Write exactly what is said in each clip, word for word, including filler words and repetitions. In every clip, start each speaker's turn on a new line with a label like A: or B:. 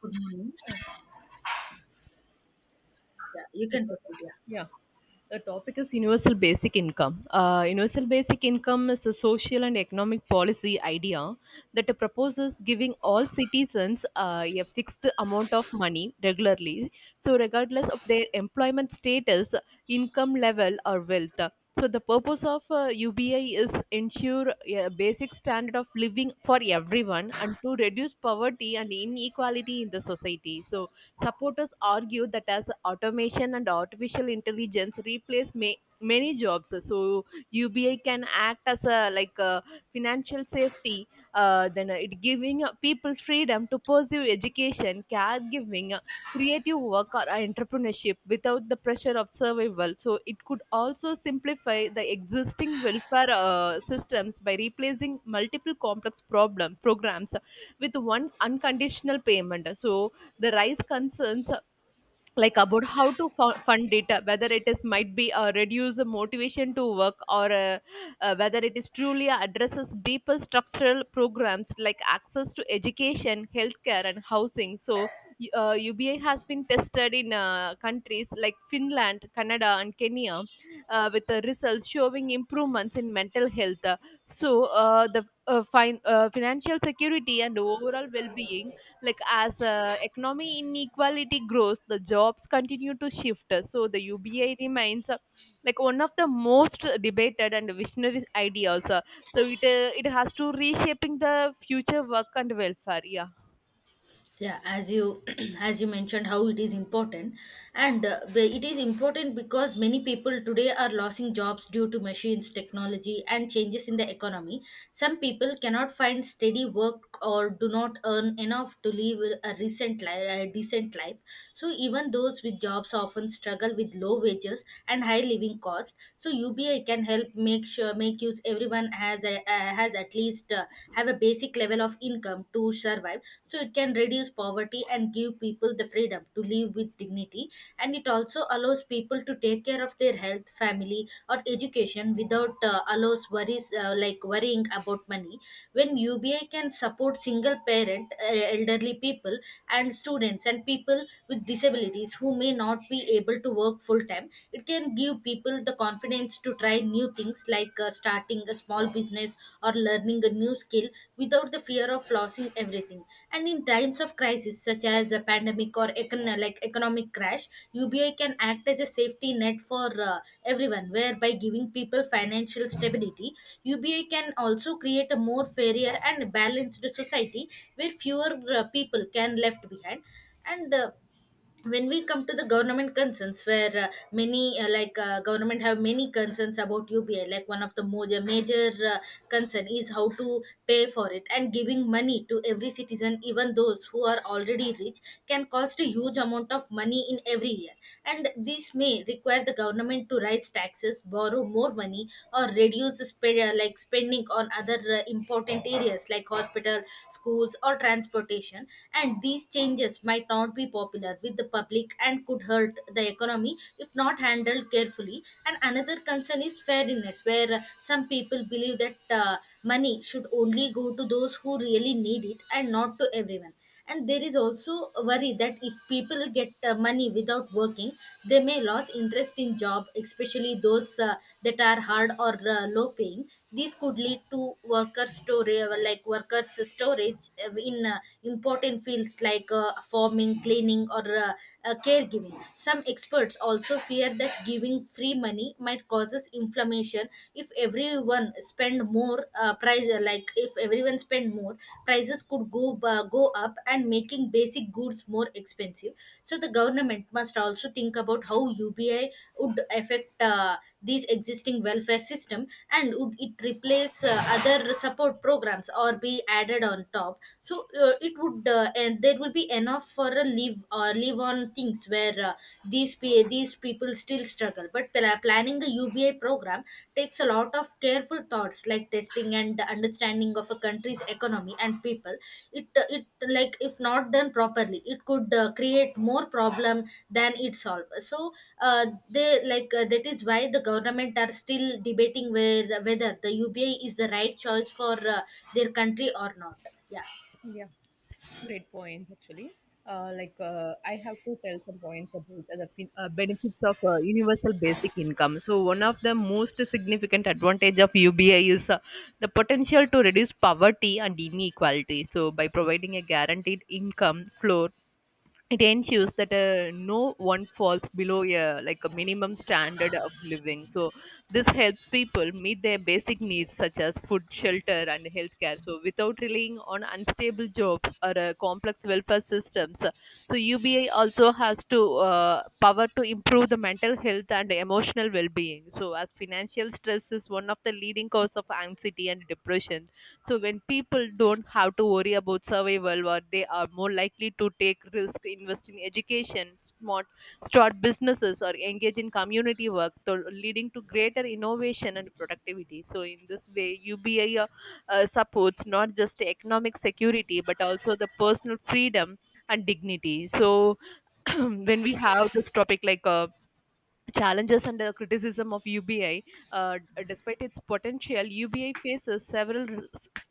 A: Good morning. Yeah, you can proceed. Yeah,
B: Yeah. The topic is universal basic income. Uh, universal basic income is a social and economic policy idea that proposes giving all citizens uh, a fixed amount of money regularly, so regardless of their employment status, income level, or wealth. So the purpose of uh, U B I is ensure a basic standard of living for everyone and to reduce poverty and inequality in the society. So supporters argue that as automation and artificial intelligence replace ma- many jobs, so U B I can act as a like a financial safety. Uh, then it giving uh, people freedom to pursue education, caregiving, uh, creative work or entrepreneurship without the pressure of survival. So it could also simplify the existing welfare uh, systems by replacing multiple complex problem programs with one unconditional payment. So the rise concerns uh, like about how to fu- fund it, uh, whether it is might be a reduce the motivation to work, or uh, uh, whether it is truly addresses deeper structural programs like access to education, healthcare, and housing. So y- uh, uba has been tested in uh, countries like Finland, Canada, and Kenya, uh, with the results showing improvements in mental health. So uh, the uh, fin- uh, financial security and overall well-being, like as uh, economy inequality grows, the jobs continue to shift, so the ubi remains, uh, like, one of the most debated and visionary ideas. Uh, so it uh, it has to reshaping the future work and welfare.
A: yeah. As you as you mentioned, how it is important, and uh, be- it is important because many people today are losing jobs due to machines, technology, and changes in the economy. Some people cannot find steady work or do not earn enough to live a recent li- a decent independent life. So even those with jobs often struggle with low wages and high living costs. So U B I can help make sure make use everyone has a, uh, has at least uh, have a basic level of income to survive. So it can reduce poverty and give people the freedom to live with dignity. And it also allows people to take care of their health, family, or education without uh, allows worries, uh, like worrying about money when U B I can support single parent, uh, elderly people, and students and people with disabilities who may not be able to work full time. It can give people the confidence to try new things, like uh, starting a small business or learning a new skill without the fear of losing everything. And in times of crisis, such as a pandemic or econ- like economic crash, U B I can act as a safety net for uh, everyone. Whereby giving people financial stability, U B I can also create a more fairer and balanced society where fewer uh, people can left behind. And uh, When we come to the government concerns, where uh, many uh, like uh, government have many concerns about ubi. Like one of the major major uh, concern is how to pay for it, and giving money to every citizen, even those who are already rich, can cost a huge amount of money in every year, and this may require the government to raise taxes, borrow more money, or reduce the spe- uh, like spending on other uh, important areas like hospital, schools, or transportation. And these changes might not not be popular with the public and could hurt the economy if not handled carefully. And another concern is fairness, where uh, some people believe that uh, money should only go to those who really need it and not to everyone. And there is also a worry that if people get uh, money without working, they may lose interest in job, especially those uh, that are hard or uh, low paying. This could lead to worker storage, like workers storage uh, in uh, important fields like uh, farming, cleaning, or uh, uh, caregiving. Some experts also fear that giving free money might causes inflammation if everyone spend more uh, price. Uh, Like if everyone spend more, prices could go uh, go up and making basic make goods more expensive. So the government must also think about how ubi would affect uh, these existing welfare system, and would it replace uh, other support programs or be added on top? So uh, it would, uh, and there will be enough for a leave or leave on things, where uh, these pe- these people still struggle. But pla- planning a ubi U B I program takes a lot of careful thoughts, like testing and the understanding of a country's economy and people. It it Like if not done properly, it could uh, create more problem than it solve. So uh, they like uh, that is why the government are still debating where, whether the U B I is the right choice for uh, their country or not. Yeah.
B: Yeah, great points, actually. Uh, like uh, I have to tell some points about the fin- uh, benefits of uh, universal basic income. So one of the most significant advantage of U B I is, uh, the potential to reduce poverty and inequality. So by providing a guaranteed income floor, it ensures that uh, no one falls below a like a minimum standard of living. So this helps people meet their basic needs such as food, shelter, and healthcare, so without relying on unstable jobs or uh, complex welfare systems. uh, So U B I also has to, uh, power to improve the mental health and emotional well-being. So as financial stress is one of the leading cause of anxiety and depression, so when people don't have to worry about survival, or they are more likely to take risks, invest in education, smart start businesses or engage in community work, so leading to greater innovation and productivity. So in this way, U B I uh, uh, supports not just economic security but also the personal freedom and dignity. So when we have this topic, like uh, challenges and the criticism of U B I. Uh, Despite its potential, U B I faces several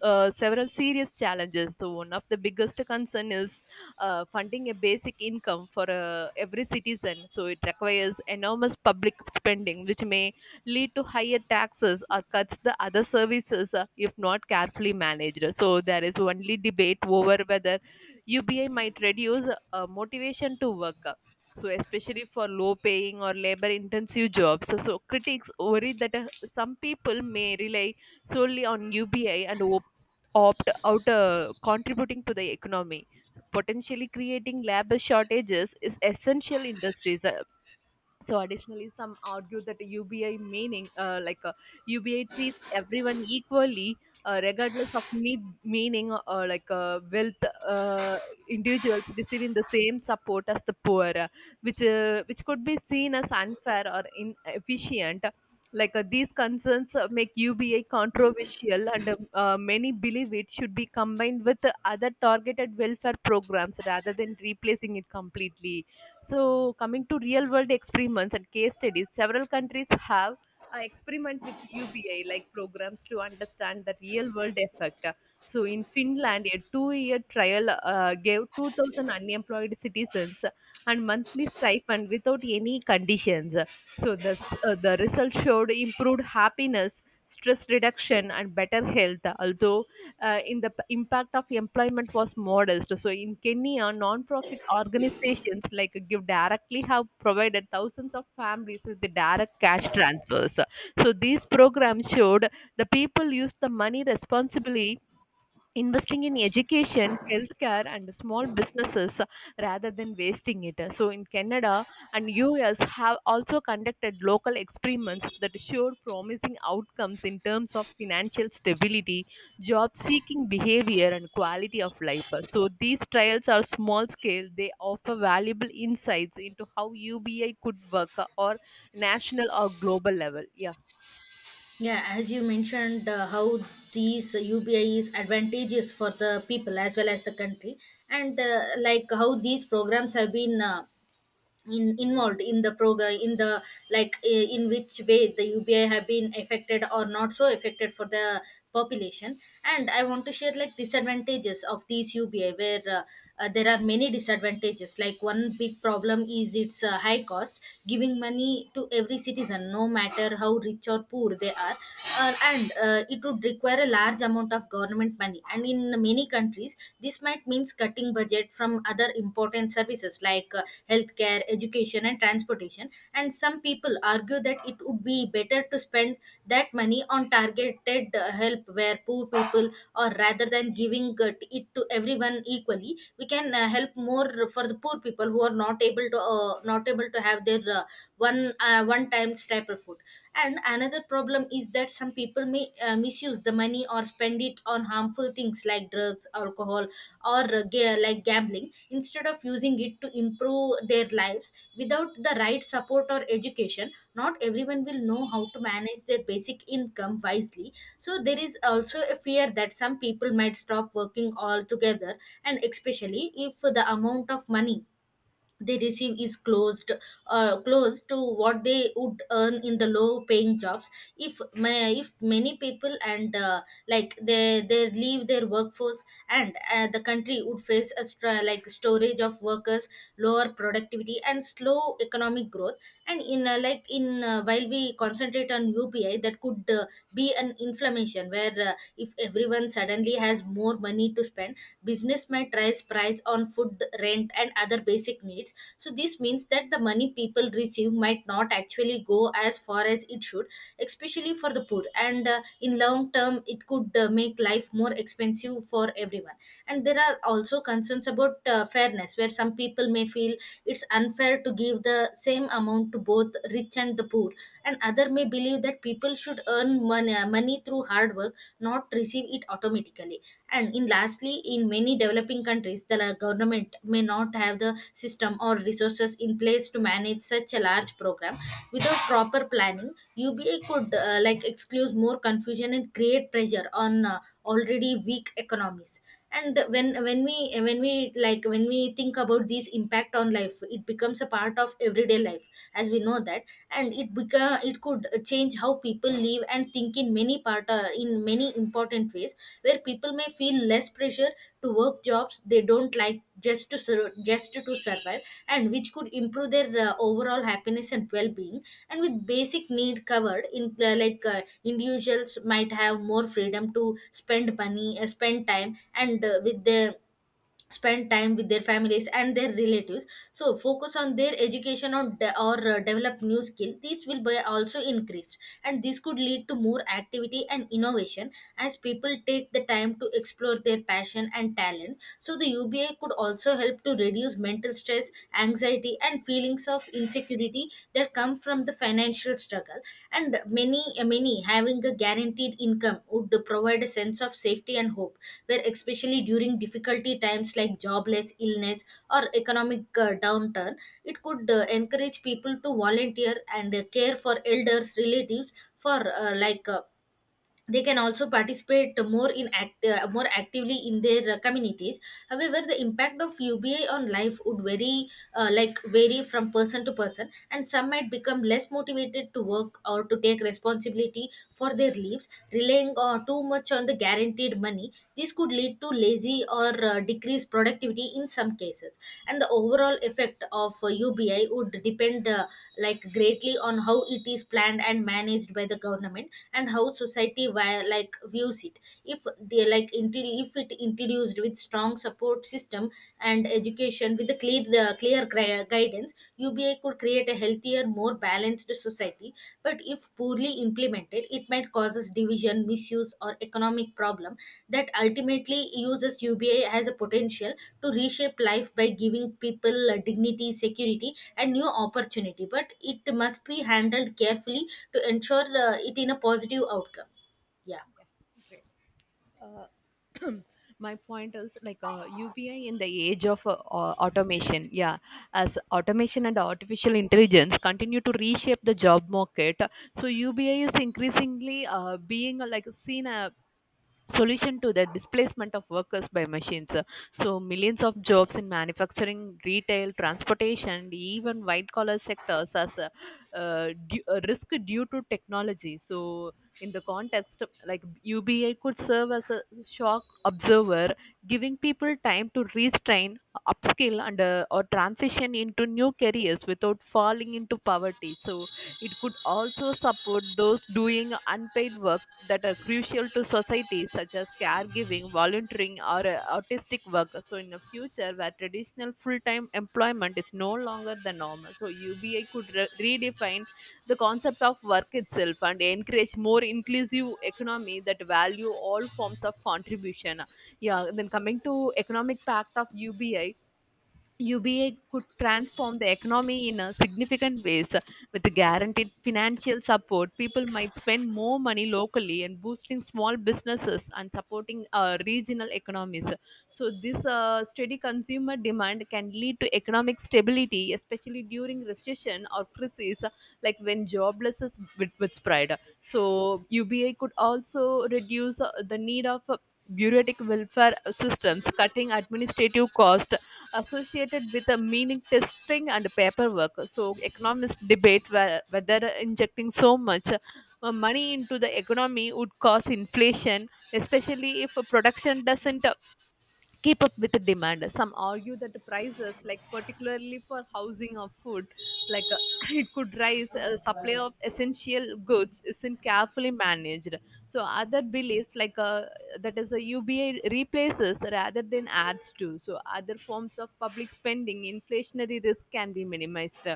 B: uh, several serious challenges. So one of the biggest concern is uh, funding a basic income for uh, every citizen. So it requires enormous public spending, which may lead to higher taxes or cuts the other services uh, if not carefully managed. So there is only debate over whether U B I might reduce uh, motivation to work, so especially for low paying or labor intensive jobs. So, so critics worry that uh, some people may rely solely on ubi and op- opt out uh, contributing to the economy, potentially creating labor shortages is essential industries. Uh, so additionally, some argue that U B I meaning, uh, like uh, U B I treats everyone equally, uh, regardless of need, meaning, or like uh, wealth. Uh, Individuals receiving the same support as the poor, uh, which uh, which could be seen as unfair or inefficient. Like uh, these concerns uh, make U B I controversial, and um, uh, many believe it should be combined with other targeted welfare programs rather than replacing it completely. So, coming to real world experiments and case studies, several countries have uh, experiment with U B I like programs to understand the real world effect. So, in Finland, a two year trial uh, gave two thousand unemployed citizens and monthly stipend without any conditions. So, the, uh, the result showed improved happiness, stress reduction, and better health, although uh, in the p- impact of employment was modest. So in Kenya, non-profit organizations like Give Directly have provided thousands of families with the direct cash transfers. So these programs showed the people used the money responsibly, investing in education, healthcare, and small businesses, uh, rather than wasting it. Uh, So, in Canada and U S, have also conducted local experiments that showed promising outcomes in terms of financial stability, job seeking behavior, and quality of life. Uh, So, these trials are small scale, they offer valuable insights into how U B I could work, uh, or national or global level. Yeah.
A: Yeah, as you mentioned, uh, how these U P I is advantageous for the people as well as the country, and uh, like how these programs have been uh, in, involved in the program in the, like eh, in which way the ubi have been affected or not so affected for the population. And I want to share like disadvantages of these ubi, where uh, uh, there are many disadvantages. Like one big problem is its uh, high cost. Giving money to every citizen no matter how rich or poor they are, uh, and uh, it would require a large amount of government money, and in in many countries, this might mean cutting budget from other important services like uh, healthcare, education, and transportation. And some people argue that it would be better to spend that money on targeted uh, help where poor people, or rather than giving uh, it to everyone equally, we can uh, help more for the poor people who are not able to uh, not able to have their uh, one uh, one time staple food. And another problem is that some people may uh, misuse the money or spend it on harmful things like drugs, alcohol, or uh, ga- like gambling, instead of using it to improve their lives. Without the right support or education, not everyone will know how to manage their basic income wisely. So there is also a fear that some people might stop working altogether, and especially if the amount of money they receive is closed, uh, close to what they would earn in the low paying jobs. If ma- if many people, and uh, like they they leave their workforce, and uh, the country would face a stra- like storage of workers, lower for productivity, and slow economic growth. And in uh, like in uh, while we concentrate on upi, that could uh, be an inflammation, where uh, if everyone suddenly has more money to spend, business might raise price on food, rent, and other basic needs. So this means that the money people receive might not actually go as far as it should, especially for the poor. And uh, in long term, it could uh, make life more expensive for everyone. And there are also concerns about uh, fairness, where some people may feel it's unfair to give the same amount to both rich and the poor, and other may believe that people should earn money, uh, money through hard work, not receive it automatically. And in lastly, in many developing countries, the la- government may not have the system or resources in place to manage such a large program. Without proper planning, uba could uh, like excuse more confusion and create pressure on uh, already weak economies. And when when we when we like when we think about this impact on life, it becomes a part of everyday life, as we know that. And it become it could change how people live and think in many part uh, in many important ways, where people may feel less pressure to work jobs they don't like, just to sur- just to survive, and which could improve their uh, overall happiness and well-being. And with basic need covered in, uh, like uh, individuals might have more freedom to spend money uh, spend time and uh, with their spend time with their families and their relatives, so focus on their education, or, de- or uh, develop new skill. These will be also increased, and this could lead to more activity and innovation as people take the time to explore their passion and talent. So the uba could also help to reduce mental stress, anxiety, and feelings of insecurity that come from the financial struggle. And many many having a guaranteed income would provide a sense of safety and hope, where especially during difficulty times like jobless, illness, or economic uh, downturn. It could uh, encourage people to volunteer and uh, care for elders relatives for uh, like uh, they can also participate more in act, uh, more actively in their uh, communities. However, the impact of ubi on life would vary, uh, like vary from person to person, and some might become less motivated to work or to take responsibility for their lives, relying uh, too much on the guaranteed money. This could lead to lazy or uh, decreased productivity in some cases. And the overall effect of uh, ubi would depend uh, like greatly on how it is planned and managed by the government, and how society society wi- like views it. If they like intro- if it introduced with strong support system and education with a clear the clear gui- guidance, ubi could create a healthier, more balanced society. But if poorly implemented, it might causes division, misuse, or economic problem. That ultimately uses ubi as a potential to reshape life by giving people uh, dignity, security, and new opportunity, but it must be handled carefully to ensure uh, it in a positive outcome. Yeah.
B: uh, my point is like uh, U B I in the age of uh, au- automation. Yeah, as automation and artificial intelligence continue to reshape the job market, so U B I is increasingly uh, being uh, like seen uh, solution to the displacement of workers by machines. Uh, So, millions of jobs in manufacturing, retail, transportation, and even white collar sectors as a, uh, due, a risk due to technology. So, in the context, like U B I could serve as a shock observer, giving people time to restrain, upskill, and uh, or transition into new careers without falling into poverty. So, it could also support those doing unpaid work that are crucial to society, such as caregiving, volunteering, or uh, artistic work. So, in a future where traditional full time employment is no longer the norm, so U B I could re- redefine the concept of work itself and encourage more inclusive economy that value all forms of contribution. Yeah, then coming to economic pact of ubi, U B A could transform the economy in a significant ways with guaranteed financial support. People might spend more money locally and boosting small businesses and supporting uh, regional economies. So this uh, steady consumer demand can lead to economic stability, especially during recession or crises, like when joblessness with, with spread. So U B A could also reduce uh, the need of uh, bureaucratic welfare systems, cutting administrative costs associated with a meaning testing and paperwork. So economists debate whe- whether injecting so much uh, money into the economy would cause inflation, especially if production doesn't keep up with the demand. Some argue that the prices, like particularly for housing or food, like uh, it could rise. Uh, supply of essential goods isn't carefully managed. So other beliefs, like uh, that is a U B A replaces rather than adds to. So other forms of public spending, inflationary risk can be minimized.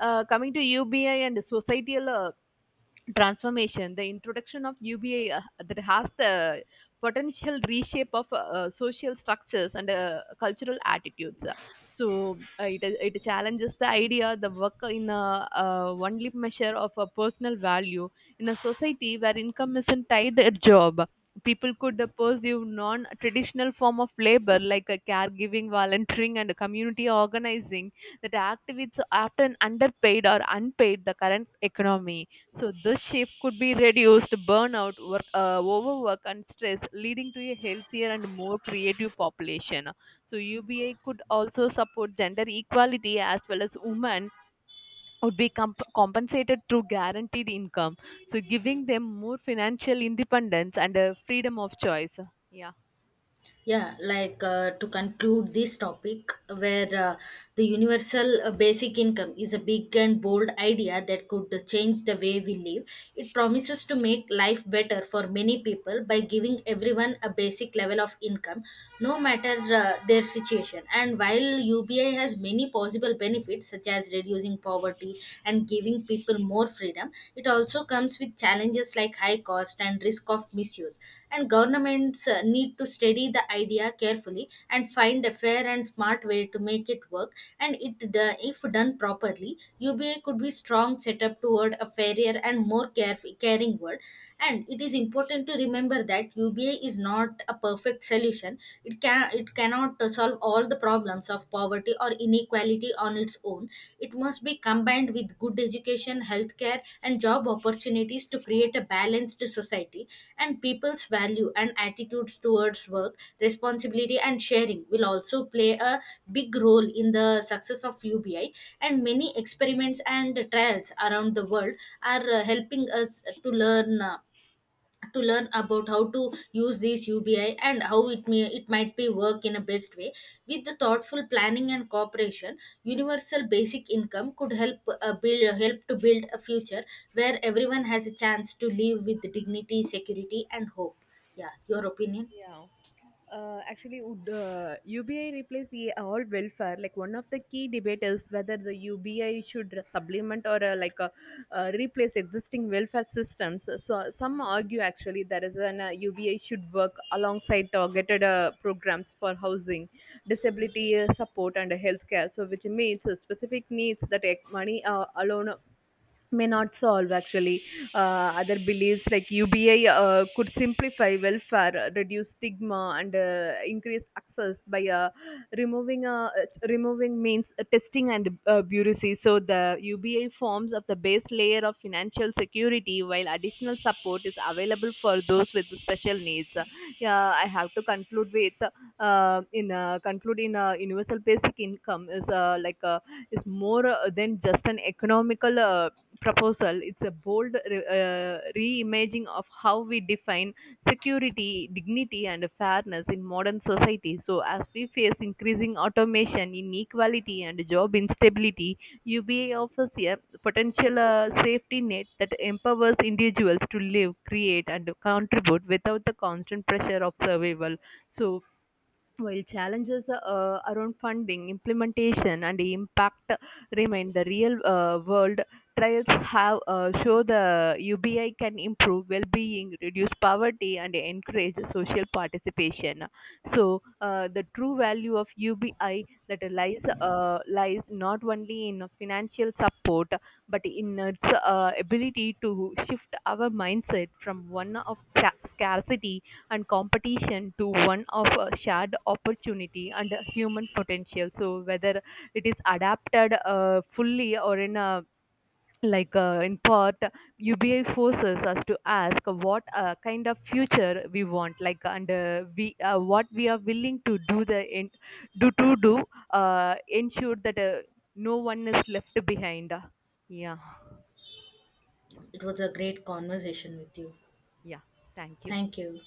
B: Uh, coming to U B I and societal uh, transformation, the introduction of U B A uh, that has the potential reshape of uh, uh, social structures and uh, cultural attitudes. So uh, it, it challenges the idea the work in a uh, only measure of a personal value in a society where income isn't tied to a job. People could uh, pursue non-traditional form of labor like uh, caregiving, volunteering, and community organizing that activities are often underpaid or unpaid the current economy. So this shift could be reduced burnout, work, uh, overwork, and stress, leading to a healthier and more creative population. So U B A could also support gender equality as well as women would be comp- compensated through guaranteed income, so giving them more financial independence and uh, freedom of choice. Yeah.
A: yeah like uh, To conclude this topic, where uh, the universal uh, basic income is a big and bold idea that could change the way we live. It promises to make life better for many people by giving everyone a basic level of income, no matter uh, their situation. And while ubi has many possible benefits, such as reducing poverty and giving people more freedom system, it also comes with challenges like high cost and risk of misuse. And governments uh, need to study the idea carefully and find a fair and smart way to make it work. And it, do- if done properly, U B A could be strong setup toward a fairer and more caref- caring world. And it is important to remember that U B A is not a perfect solution. It can it cannot uh, solve all solve the problems of poverty or inequality on its own. It must be combined with good education, healthcare, and job opportunities to create a balanced society. And people's value and attitudes towards work, responsibility, and sharing will also play a big role in the success of U B I. And many experiments and trials around the world are uh, helping us to learn. Uh, to learn about how to use this U B I, and how it may it might be work in a best way. With the thoughtful planning and cooperation, universal basic income could help uh, build help to build a future where everyone has a chance to live with dignity, security, and hope. Yeah, your opinion.
B: Yeah. Uh, actually, would uh, U B I replace e- all welfare? Like one of the key debate is whether the U B I should supplement or uh, like uh, uh, replace existing welfare systems. So some argue actually there is an uh, U B I should work alongside targeted uh, programs for housing, disability uh, support, and healthcare. So which means uh, specific needs that ec- money uh, alone may not solve actually. Uh, other beliefs like ubi uh, could simplify welfare, uh, reduce stigma, and uh, increase access by uh, removing uh, removing means uh, testing and uh, bureaucracy. So the ubi forms of the base layer of financial security while additional support is available for those with special needs. Yeah, I have to conclude with, uh, in uh, conclude in uh, universal basic income is, uh, like uh, is more uh, than just an economical uh, proposal. It's a bold uh, reimagining of how we define security, dignity, and fairness in modern society. So, as we face increasing automation, inequality, and job instability, U B A offers a potential uh, safety net that empowers individuals to live, create, and contribute without the constant pressure of survival. So, while challenges uh, around funding, implementation, and impact remain, the real uh, world trials have uh, show the U B I can improve well-being, reduce poverty, and encourage social participation. So uh, the true value of U B I that lies uh, lies not only in financial support but in its uh, ability to shift our mindset from one of sa- scarcity and competition to one of uh, shared opportunity and human potential. So whether it is adapted uh, fully or in a like uh, in part, ubi forces us to ask what uh, kind of future we want, like and uh, we uh, what we are willing to do the in, do to do uh, ensure that uh, no one is left behind. Yeah.
A: It was a great conversation with you.
B: Yeah, thank you.
A: Thank you.